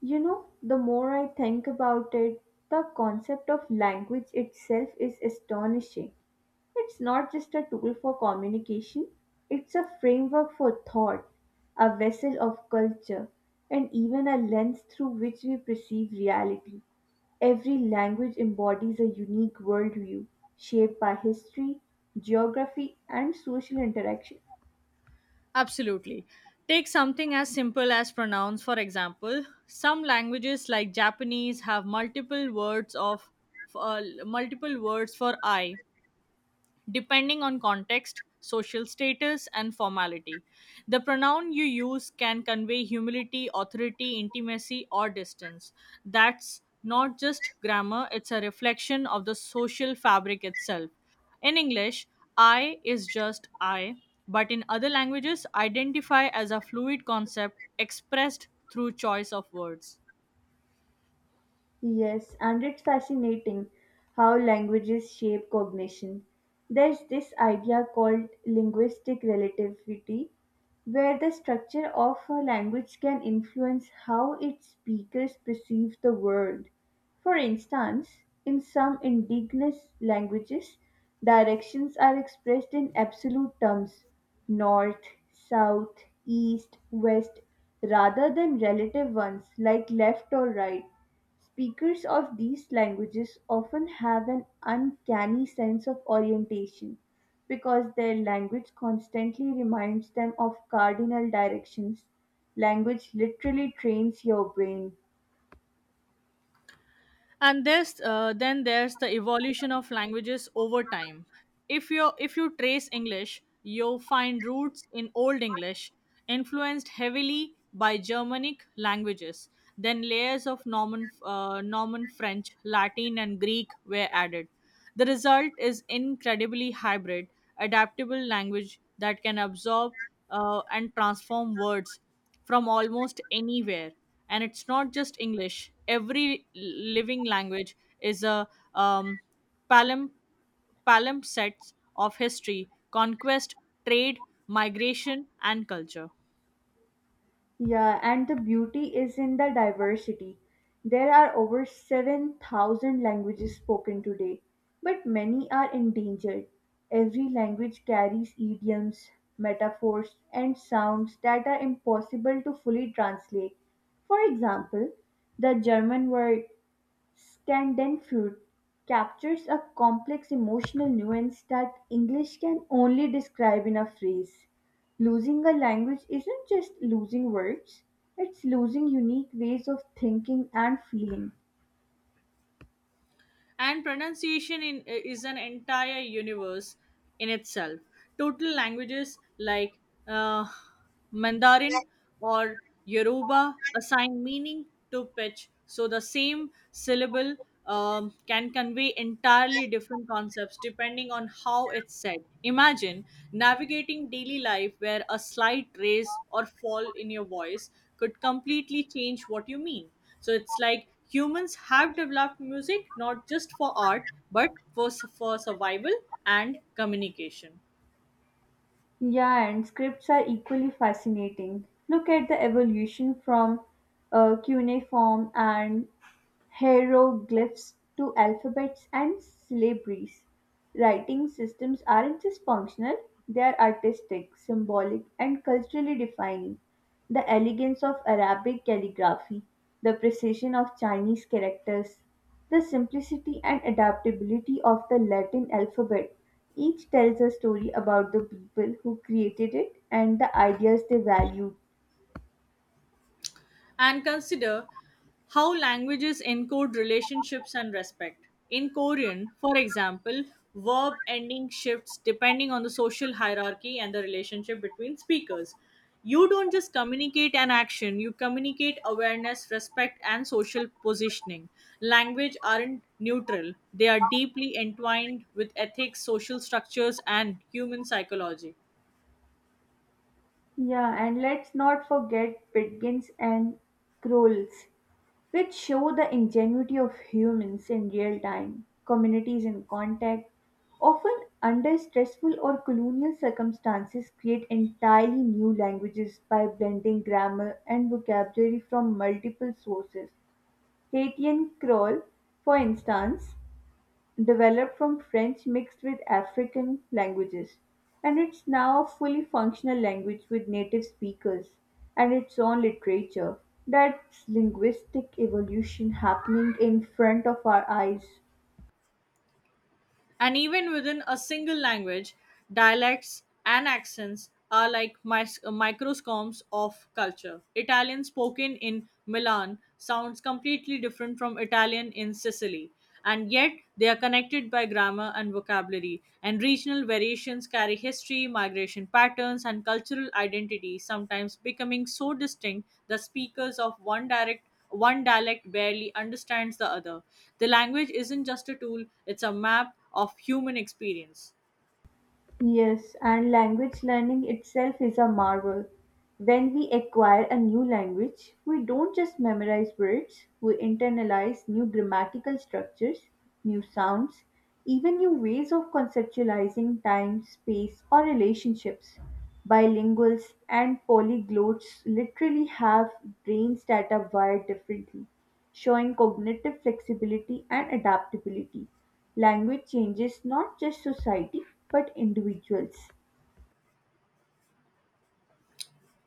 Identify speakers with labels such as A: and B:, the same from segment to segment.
A: You know, the more I think about it, the concept of language itself is astonishing. It's not just a tool for communication, it's a framework for thought, a vessel of culture, and even a lens through which we perceive reality. Every language embodies a unique worldview shaped by history, geography, and social interaction.
B: Absolutely. Take something as simple as pronouns, for example. Some languages like Japanese have multiple words of multiple words for I, depending on context, social status, and formality. The pronoun you use can convey humility, authority, intimacy, or distance. That's not just grammar, it's a reflection of the social fabric itself. In English, I is just I, but in other languages, identify as a fluid concept expressed through choice of words.
A: Yes, and it's fascinating how languages shape cognition. There's this idea called linguistic relativity, where the structure of a language can influence how its speakers perceive the world. For instance, in some indigenous languages, directions are expressed in absolute terms north, south, east, west rather than relative ones like left or right. Speakers of these languages often have an uncanny sense of orientation, because their language constantly reminds them of cardinal directions. Language literally trains your brain.
B: And there's then there's the evolution of languages over time. If you trace English you'll find roots in Old English, influenced heavily by Germanic languages. Then layers of Norman French, Latin, and Greek were added. The result is incredibly hybrid, adaptable language that can absorb and transform words from almost anywhere. And it's not just English. Living language is a um, palum- palimpsest of history, conquest, trade, migration, and culture.
A: Yeah, and the beauty is in the diversity. There are over 7,000 languages spoken today, but many are endangered. Every language carries idioms, metaphors, and sounds that are impossible to fully translate. For example, the German word Schadenfreude captures a complex emotional nuance that English can only describe in a phrase. Losing a language isn't just losing words, it's losing unique ways of thinking and feeling.
B: And pronunciation is an entire universe in itself. Total languages like uh, Mandarin or Yoruba assign meaning to pitch, so the same syllable can convey entirely different concepts depending on how it's said. Imagine navigating daily life where a slight raise or fall in your voice could completely change what you mean. So it's like humans have developed music not just for art, but for survival and communication.
A: Yeah, and scripts are equally fascinating. Look at the evolution from cuneiform and hieroglyphs to alphabets and syllabaries. Writing systems aren't just functional, they are artistic, symbolic, and culturally defining. The elegance of Arabic calligraphy, the precision of Chinese characters, the simplicity and adaptability of the Latin alphabet each tells a story about the people who created it and the ideas they valued.
B: And consider how languages encode relationships and respect. In Korean, for example, verb ending shifts depending on the social hierarchy and the relationship between speakers. You don't just communicate an action, you communicate awareness, respect, and social positioning. Language aren't neutral, they are deeply entwined with ethics, social structures, and human psychology.
A: Yeah, and let's not forget Pitkin's and Crowell's, which show the ingenuity of humans in real time, communities in contact. Often, under stressful or colonial circumstances, create entirely new languages by blending grammar and vocabulary from multiple sources. Haitian Creole, for instance, developed from French mixed with African languages, and it's now a fully functional language with native speakers and its own literature. That's linguistic evolution happening in front of our eyes.
B: And even within a single language, dialects and accents are like microscomes of culture. Italian spoken in Milan sounds completely different from Italian in Sicily, and yet they are connected by grammar and vocabulary. And regional variations carry history, migration patterns, and cultural identity, sometimes becoming so distinct that speakers of one dialect barely understands the other. The language isn't just a tool, it's a map of human experience.
A: Yes, and language learning itself is a marvel. When we acquire a new language, we don't just memorize words, we internalize new grammatical structures, new sounds, even new ways of conceptualizing time, space, or relationships. Bilinguals and polyglots literally have brains that are wired differently, showing cognitive flexibility and adaptability. Language changes not just society but individuals.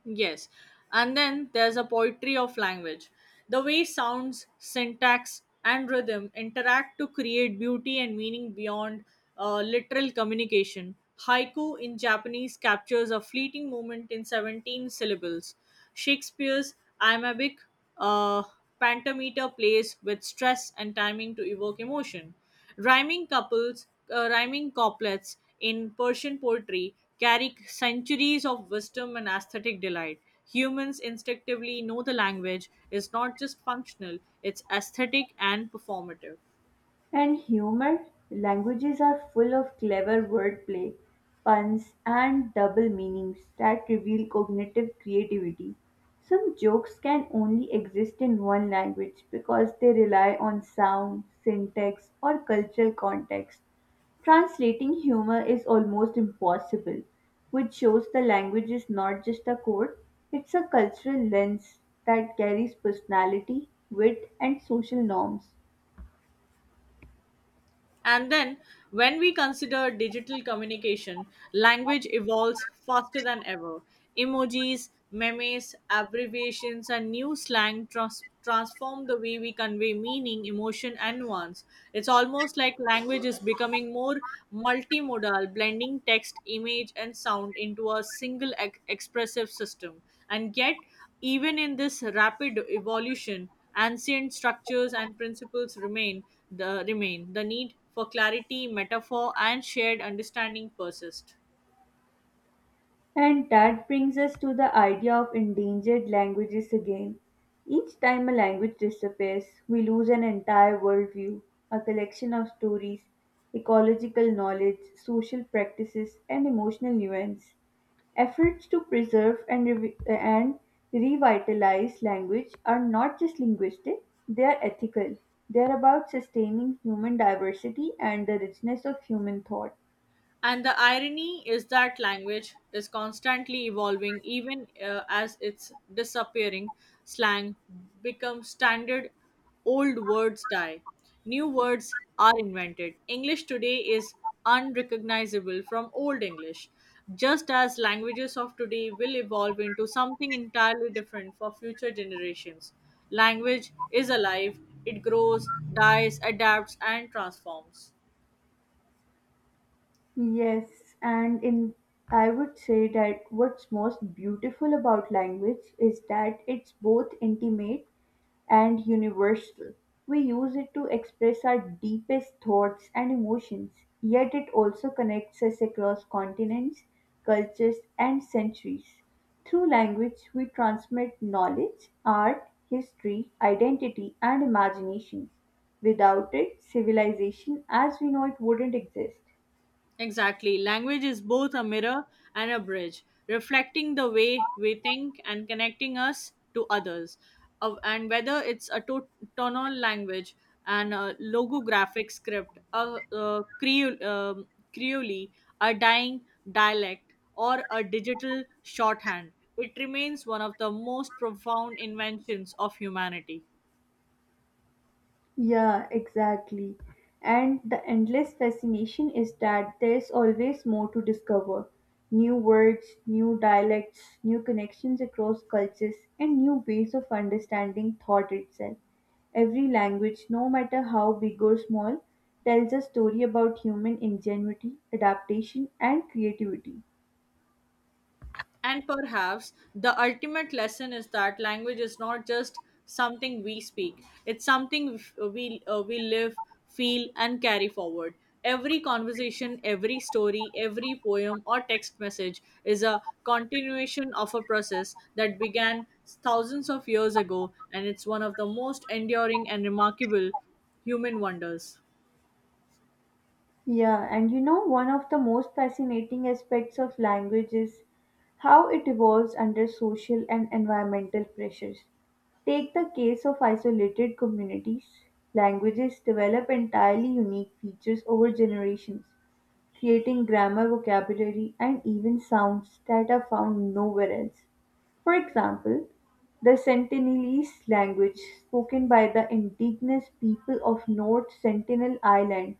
B: Yes. And then there's a poetry of language. The way sounds, syntax, and rhythm interact to create beauty and meaning beyond literal communication. Haiku in Japanese captures a fleeting moment in 17 syllables. Shakespeare's iambic uh, pentameter plays with stress and timing to evoke emotion. Rhyming couplets in Persian poetry carry centuries of wisdom and aesthetic delight. Humans instinctively know the language is not just functional, it's aesthetic and performative.
A: And humor? Languages are full of clever wordplay, puns, and double meanings that reveal cognitive creativity. Some jokes can only exist in one language because they rely on sound, syntax, or cultural context. Translating humor is almost impossible, which shows the language is not just a code, it's a cultural lens that carries personality, wit, and social norms.
B: And then, when we consider digital communication, language evolves faster than ever. Emojis, memes, abbreviations, and new slang transform the way we convey meaning, emotion, and nuance. It's almost like language is becoming more multimodal, blending text, image, and sound into a single expressive system. And yet, even in this rapid evolution, ancient structures and principles remain. The need for clarity, metaphor, and shared understanding persist.
A: And that brings us to the idea of endangered languages again. Each time a language disappears, we lose an entire worldview, a collection of stories, ecological knowledge, social practices, and emotional nuance. Efforts to preserve and revitalize language are not just linguistic, they are ethical. They are about sustaining human diversity and the richness of human thought.
B: And the irony is that language is constantly evolving, even as it's disappearing. Slang becomes standard, old words die, new words are invented. English today is unrecognizable from Old English, just as languages of today will evolve into something entirely different for future generations. Language is alive, it grows, dies, adapts, and transforms.
A: Yes, and in I would say that what's most beautiful about language is that it's both intimate and universal. We use it to express our deepest thoughts and emotions, yet it also connects us across continents, cultures, and centuries. Through language, we transmit knowledge, art, history, identity, and imagination. Without it, civilization as we know it wouldn't exist.
B: Exactly. Language is both a mirror and a bridge, reflecting the way we think and connecting us to others. And whether it's a tonal language, and a logographic script, a Creole, a dying dialect, or a digital shorthand, it remains one of the most profound inventions of humanity.
A: Yeah, exactly. And the endless fascination is that there's always more to discover new words, new dialects, new connections across cultures, and new ways of understanding thought itself. Every language, no matter how big or small, tells a story about human ingenuity, adaptation, and creativity.
B: And perhaps the ultimate lesson is that language is not just something we speak, it's something we live, feel, and carry forward. Every conversation, every story, every poem or text message is a continuation of a process that began thousands of years ago, and it's one of the most enduring and remarkable human wonders.
A: Yeah, and you know, one of the most fascinating aspects of language is how it evolves under social and environmental pressures. Take the case of isolated communities. Languages develop entirely unique features over generations, creating grammar, vocabulary, and even sounds that are found nowhere else. For example, the Sentinelese language, spoken by the indigenous people of North Sentinel Island,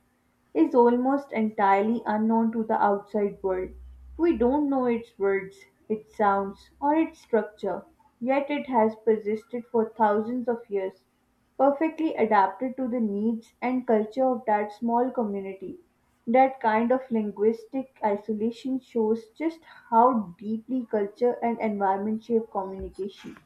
A: is almost entirely unknown to the outside world. We don't know its words, its sounds, or its structure, yet it has persisted for thousands of years, perfectly adapted to the needs and culture of that small community. That kind of linguistic isolation shows just how deeply culture and environment shape communication.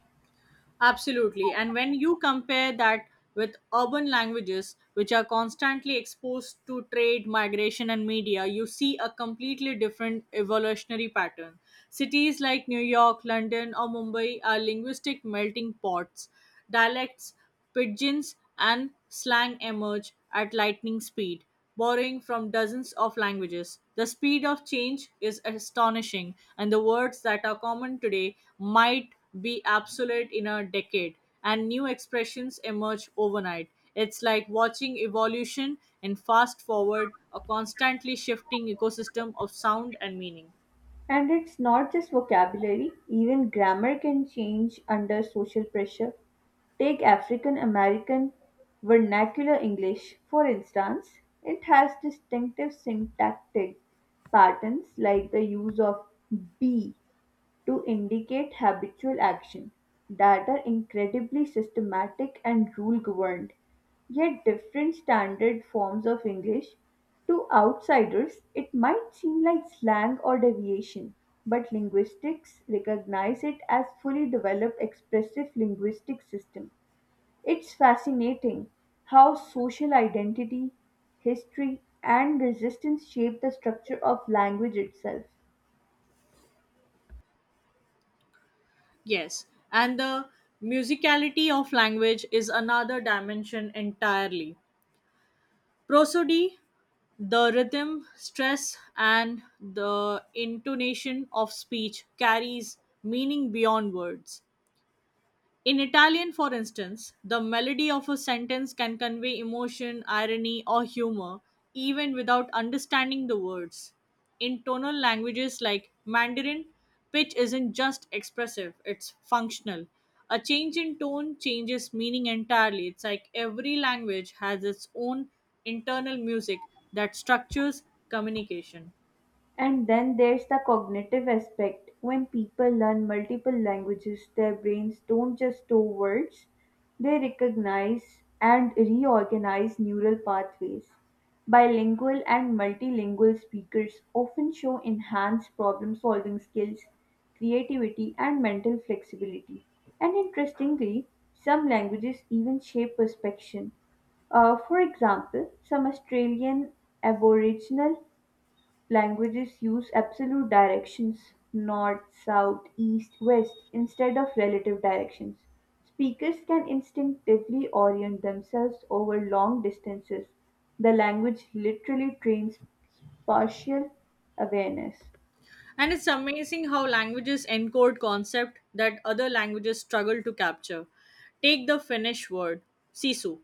B: Absolutely. And when you compare that with urban languages, which are constantly exposed to trade, migration, and media, you see a completely different evolutionary pattern. Cities like New York, London, or Mumbai are linguistic melting pots. Dialects, Pidgins, and slang emerge at lightning speed, borrowing from dozens of languages. The speed of change is astonishing, and the words that are common today might be obsolete in a decade, and new expressions emerge overnight. It's like watching evolution and fast forward, a constantly shifting ecosystem of sound and meaning.
A: And it's not just vocabulary, even grammar can change under social pressure. Take African American vernacular English, for instance. It has distinctive syntactic patterns like the use of be to indicate habitual action, that are incredibly systematic and rule governed. Yet, different standard forms of English to outsiders, it might seem like slang or deviation, but linguistics recognize it as fully developed expressive linguistic system. It's fascinating how social identity, history, and resistance shape the structure of language itself.
B: Yes, and the musicality of language is another dimension entirely. Prosody, the rhythm, stress, and the intonation of speech carries meaning beyond words. In Italian, for instance, the melody of a sentence can convey emotion, irony, or humor even without understanding the words. In tonal languages like Mandarin, pitch isn't just expressive, it's functional. A change in tone changes meaning entirely. It's like every language has its own internal music that structures communication.
A: And then there's the cognitive aspect. When people learn multiple languages, their brains don't just store words, they recognize and reorganize neural pathways. Bilingual and multilingual speakers often show enhanced problem solving skills, creativity, and mental flexibility. And interestingly, some languages even shape perception. For example, some Australian Aboriginal Languages use absolute directions north, south, east, west instead of relative directions. Speakers can instinctively orient themselves over long distances. The language literally trains spatial awareness.
B: And it's amazing how languages encode concept that other languages struggle to capture. Take the Finnish word sisu,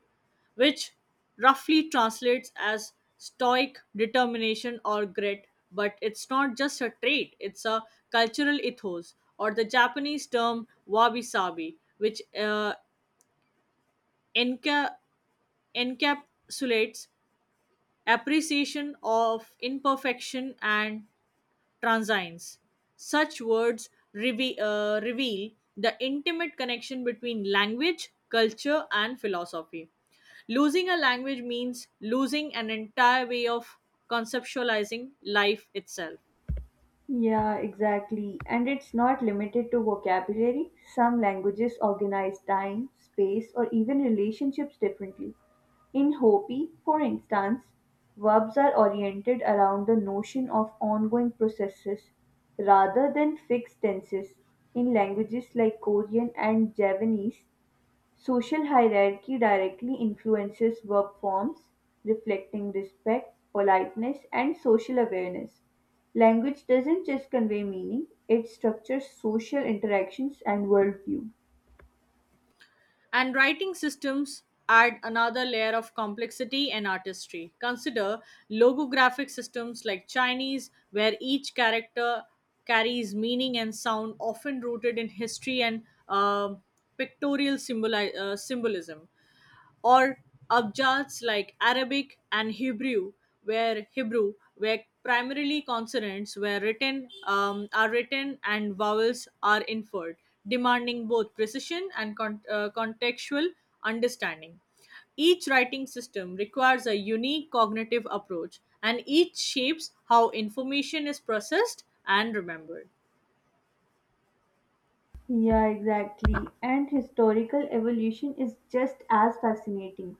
B: which roughly translates as stoic determination or grit, but it's not just a trait, it's a cultural ethos, or the Japanese term wabi sabi, which enca- encapsulates appreciation of imperfection and transience. Such words reveal the intimate connection between language, culture, and philosophy. Losing a language means losing an entire way of conceptualizing life itself.
A: Yeah, exactly. And it's not limited to vocabulary. Some languages organize time, space, or even relationships differently. In Hopi, for instance, verbs are oriented around the notion of ongoing processes rather than fixed tenses. In languages like Korean and Javanese, social hierarchy directly influences verb forms, reflecting respect, politeness, and social awareness. Language doesn't just convey meaning, it structures social interactions and worldview.
B: And writing systems add another layer of complexity and artistry. Consider logographic systems like Chinese, where each character carries meaning and sound often rooted in history and um symbolism, or abjads like Arabic and Hebrew, where where primarily consonants were written are written and vowels are inferred, demanding both precision and contextual understanding. Each writing system requires a unique cognitive approach, and each shapes how information is processed and remembered.
A: Yeah, exactly. And historical evolution is just as fascinating.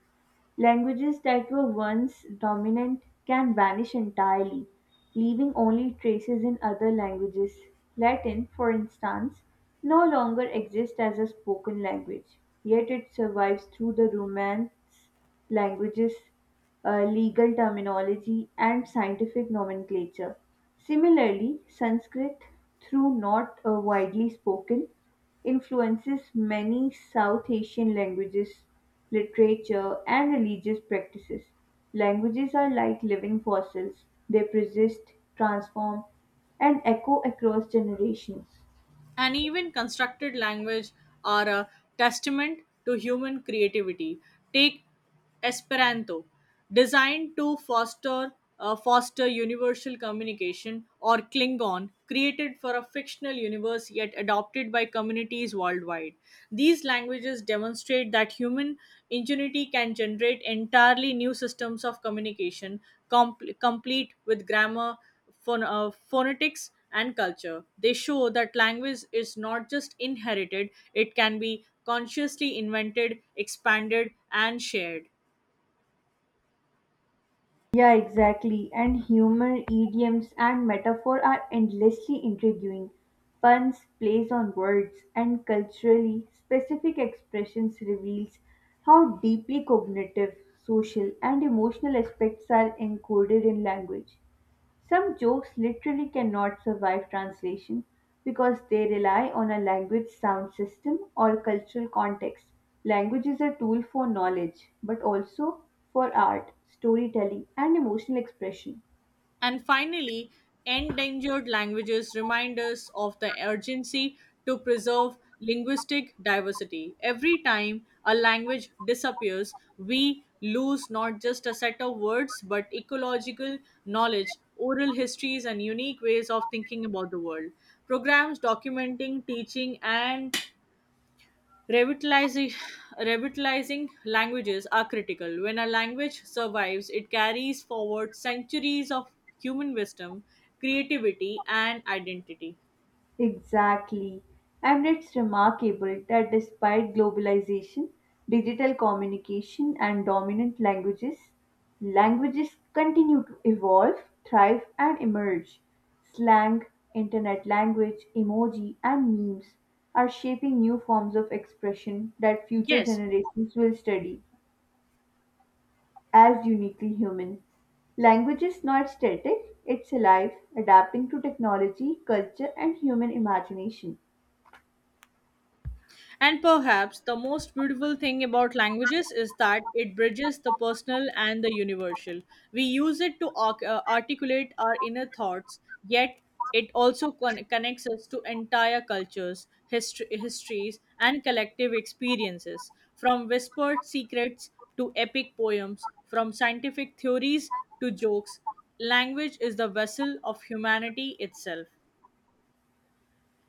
A: Languages that were once dominant can vanish entirely, leaving only traces in other languages. Latin, for instance, no longer exists as a spoken language, yet it survives through the Romance languages, legal terminology, and scientific nomenclature. Similarly, Sanskrit, through not widely spoken, influences many South Asian languages, literature, and religious practices. Languages are like living fossils, they persist, transform, and echo across generations.
B: And even constructed language are a testament to human creativity. Take Esperanto, designed to foster foster universal communication, or Klingon, created for a fictional universe yet adopted by communities worldwide. These languages demonstrate that human ingenuity can generate entirely new systems of communication, complete with grammar, phonetics, and culture. They show that language is not just inherited, it can be consciously invented, expanded, and shared.
A: Yeah, exactly. And humor, idioms, and metaphor are endlessly intriguing. Puns, plays on words, and culturally specific expressions reveals how deeply cognitive, social, and emotional aspects are encoded in language. Some jokes literally cannot survive translation because they rely on a language's sound system or cultural context. Language is a tool for knowledge, but also for art, storytelling, and emotional expression.
B: And finally, endangered languages remind us of the urgency to preserve linguistic diversity. Every time a language disappears, we lose not just a set of words but ecological knowledge, oral histories, and unique ways of thinking about the world. Programs documenting, teaching, and Revitalizing, revitalizing languages are critical. When a language survives, it carries forward centuries of human wisdom, creativity, and identity.
A: Exactly. And it's remarkable that despite globalization, digital communication, and dominant languages, languages continue to evolve, thrive, and emerge. Slang, internet language, emoji, and memes are shaping new forms of expression that future
B: Yes.
A: generations will study as uniquely human. Language is not static, it's alive, adapting to technology, culture, and human imagination.
B: And perhaps the most beautiful thing about languages is that it bridges the personal and the universal. We use it to articulate our inner thoughts, yet it also connects us to entire cultures, histories, and collective experiences. From whispered secrets to epic poems, from scientific theories to jokes, language is the vessel of humanity itself.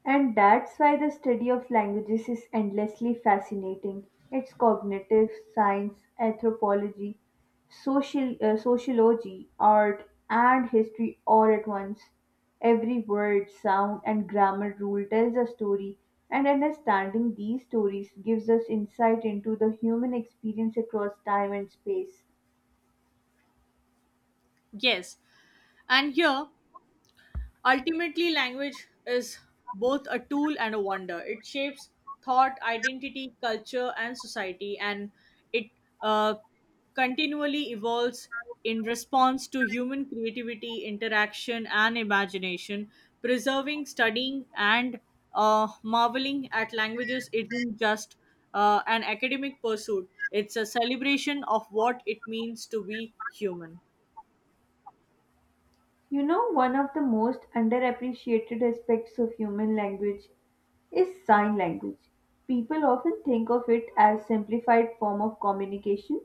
A: And that's why the study of languages is endlessly fascinating. It's cognitive science, anthropology, sociology, art, and history all at once. Every word, sound, and grammar rule tells a story, and understanding these stories gives us insight into the human experience across time and space.
B: Yes, and here ultimately, language is both a tool and a wonder. It shapes thought, identity, culture, and society, and it uh, continually evolves in response to human creativity, interaction, and imagination. Preserving, studying, and marveling at languages isn't just an academic pursuit, it's a celebration of what it means to be human.
A: You know, one of the most underappreciated aspects of human language is sign language. People often think of it as simplified form of communication,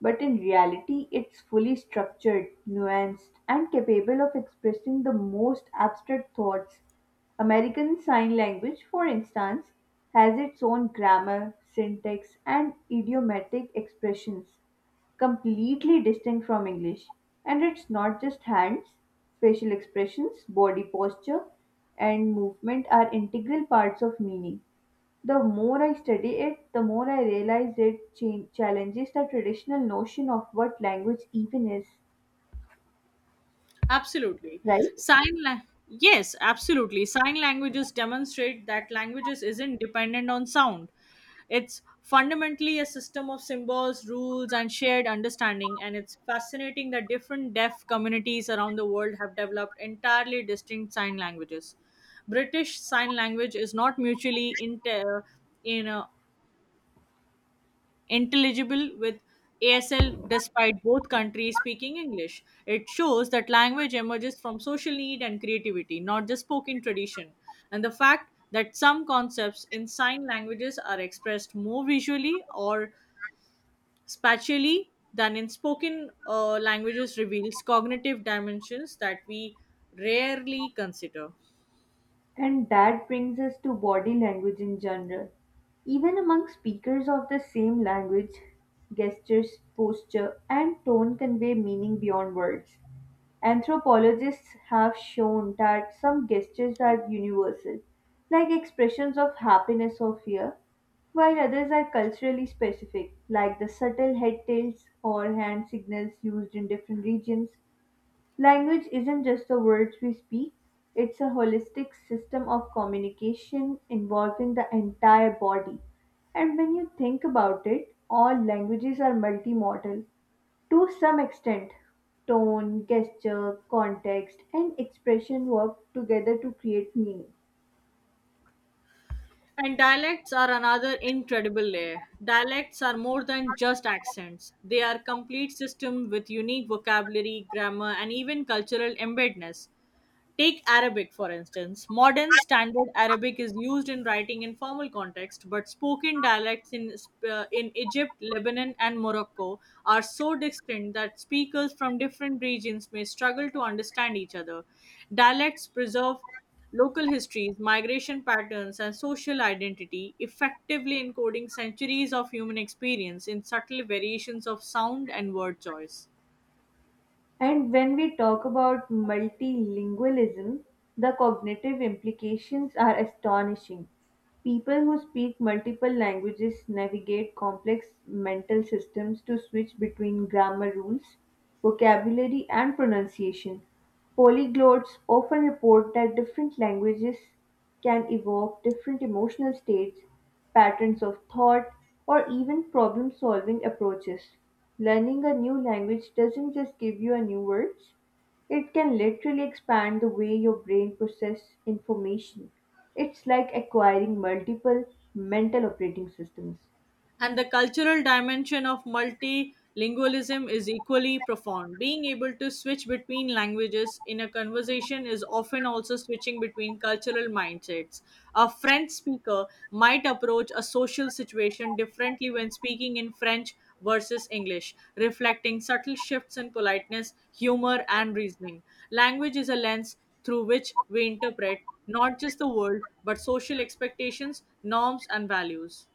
A: but in reality it's fully structured, nuanced, and capable of expressing the most abstract thoughts. American Sign Language, for instance, has its own grammar, syntax, and idiomatic expressions completely distinct from English. And it's not just hands, facial expressions, body posture, and movement are integral parts of meaning. The more I study it, the more I realize it challenges the traditional notion of what language even is,
B: Absolutely.
A: right?
B: Sign la- yes, absolutely. Sign languages demonstrate that languages isn't dependent on sound. It's fundamentally a system of symbols, rules, and shared understanding. And it's fascinating that different deaf communities around the world have developed entirely distinct sign languages. British Sign Language is not mutually in, uh, intelligible with ASL despite both countries speaking English. It shows that language emerges from social need and creativity, not just spoken tradition. And the fact that some concepts in sign languages are expressed more visually or spatially than in spoken languages reveals cognitive dimensions that we rarely consider.
A: And that brings us to body language in general. Even among speakers of the same language, gestures, posture, and tone convey meaning beyond words. Anthropologists have shown that some gestures are universal, like expressions of happiness or fear, while others are culturally specific, like the subtle head tilts or hand signals used in different regions. Language isn't just the words we speak, it's a holistic system of communication involving the entire body. And when you think about it, all languages are multimodal to some extent. Tone, gesture, context, and expression work together to create meaning.
B: And dialects are another incredible layer. Dialects are more than just accents. They are complete system with unique vocabulary, grammar, and even cultural embeddedness. Take Arabic, for instance. Modern Standard Arabic is used in writing in formal context, but spoken dialects in Egypt, Lebanon, and Morocco are so distinct that speakers from different regions may struggle to understand each other. Dialects preserve local histories, migration patterns, and social identity, effectively encoding centuries of human experience in subtle variations of sound and word choice.
A: And when we talk about multilingualism, the cognitive implications are astonishing. People who speak multiple languages navigate complex mental systems to switch between grammar rules, vocabulary, and pronunciation. Polyglots often report that different languages can evoke different emotional states, patterns of thought, or even problem solving approaches. Learning a new language doesn't just give you a new words, it can literally expand the way your brain processes information. It's like acquiring multiple mental operating systems.
B: And the cultural dimension of multilingualism is equally profound. Being able to switch between languages in a conversation is often also switching between cultural mindsets. A French speaker might approach a social situation differently when speaking in French versus English, reflecting subtle shifts in politeness, humor, and reasoning. Language is a lens through which we interpret not just the world, but social expectations, norms, and values.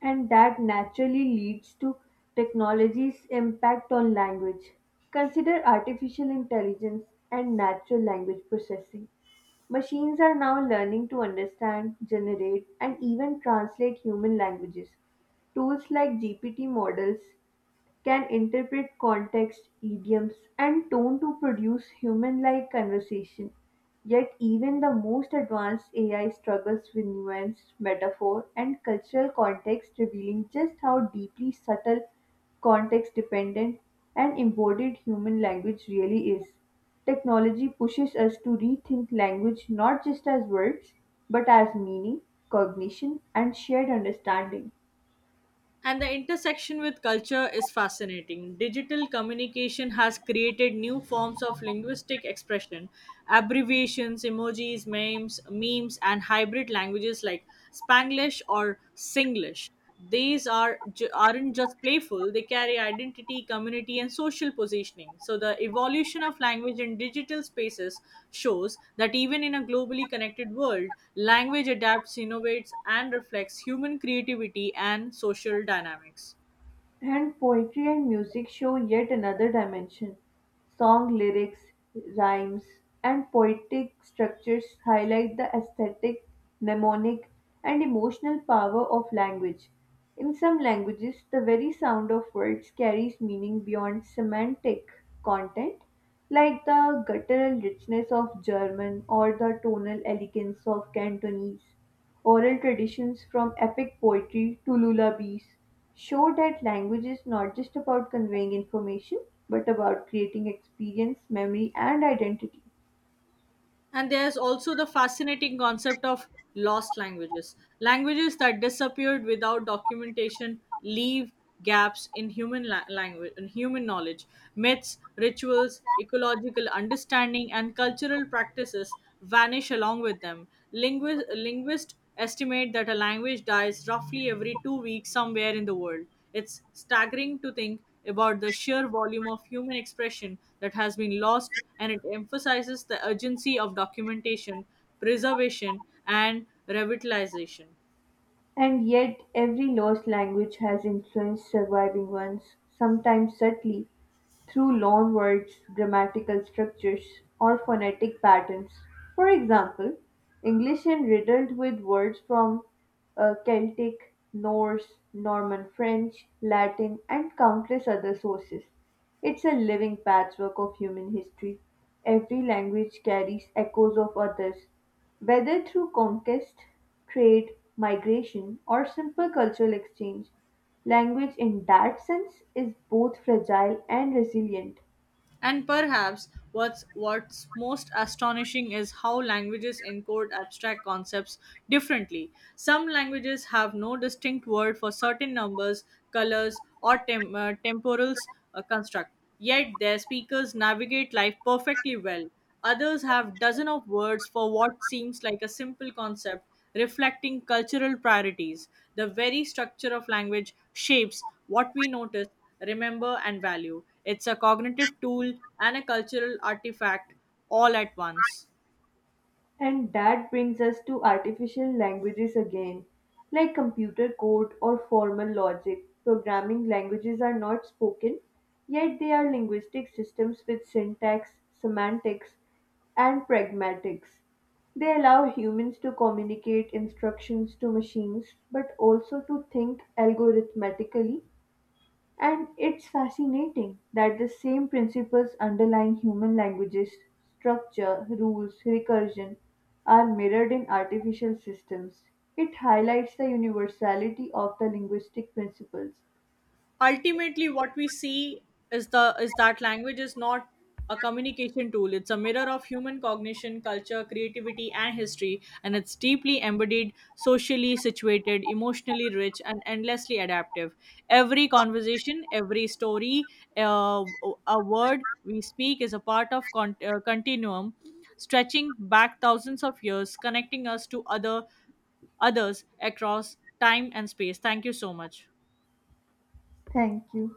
A: And that naturally leads to technology's impact on language. Consider artificial intelligence and natural language processing. Machines are now learning to understand, generate, and even translate human languages. Tools like GPT models can interpret context, idioms, and tone to produce human-like conversation. Yet even the most advanced AI struggles with nuance, metaphor, and cultural context, revealing just how deeply subtle, context-dependent, and embodied human language really is. Technology pushes us to rethink language not just as words, but as meaning, cognition, and shared understanding.
B: And the intersection with culture is fascinating. Digital communication has created new forms of linguistic expression: abbreviations, emojis, memes, and hybrid languages like Spanglish or Singlish. These aren't just playful, they carry identity, community, and social positioning. So, the evolution of language in digital spaces shows that even in a globally connected world, language adapts, innovates, and reflects human creativity and social dynamics.
A: And poetry and music show yet another dimension. Song lyrics, rhymes, and poetic structures highlight the aesthetic, mnemonic, and emotional power of language. In some languages, the very sound of words carries meaning beyond semantic content, like the guttural richness of German or the tonal elegance of Cantonese. Oral traditions from epic poetry to lullabies show that language is not just about conveying information, but about creating experience, memory, and identity.
B: And there's also the fascinating concept of lost languages. Languages that disappeared without documentation leave gaps in human la- language in human knowledge. Myths, rituals, ecological understanding, and cultural practices vanish along with them. Linguists estimate that a language dies roughly every two weeks somewhere in the world. It's staggering to think about the sheer volume of human expression that has been lost, and it emphasizes the urgency of documentation, preservation, and revitalization.
A: And yet, every lost language has influenced surviving ones, sometimes subtly, through loanwords, grammatical structures, or phonetic patterns. For example, English is riddled with words from Celtic, Norse, Norman French, Latin, and countless other sources. It's a living patchwork of human history. Every language carries echoes of others, whether through conquest, trade, migration, or simple cultural exchange. Language in that sense is both fragile and resilient.
B: And perhaps what's most astonishing is how languages encode abstract concepts differently. Some languages have no distinct word for certain numbers, colors, or tem- temporals construct, yet their speakers navigate life perfectly well. Others have dozens of words for what seems like a simple concept, reflecting cultural priorities. The very structure of language shapes what we notice, remember, and value. It's a cognitive tool and a cultural artifact all at once.
A: And that brings us to artificial languages again. Like computer code or formal logic, programming languages are not spoken, yet they are linguistic systems with syntax, semantics, and pragmatics. They allow humans to communicate instructions to machines, but also to think algorithmically. And it's fascinating that the same principles underlying human languages, structure, rules, recursion, are mirrored in artificial systems. It highlights the universality of the linguistic principles.
B: Ultimately what we see is that language is not a communication tool, it's a mirror of human cognition, culture, creativity, and history, and it's deeply embodied, socially situated, emotionally rich, and endlessly adaptive. Every conversation, every story uh, a word we speak is a part of continuum stretching back thousands of years, connecting us to others across time and space. Thank you so much.
A: Thank you.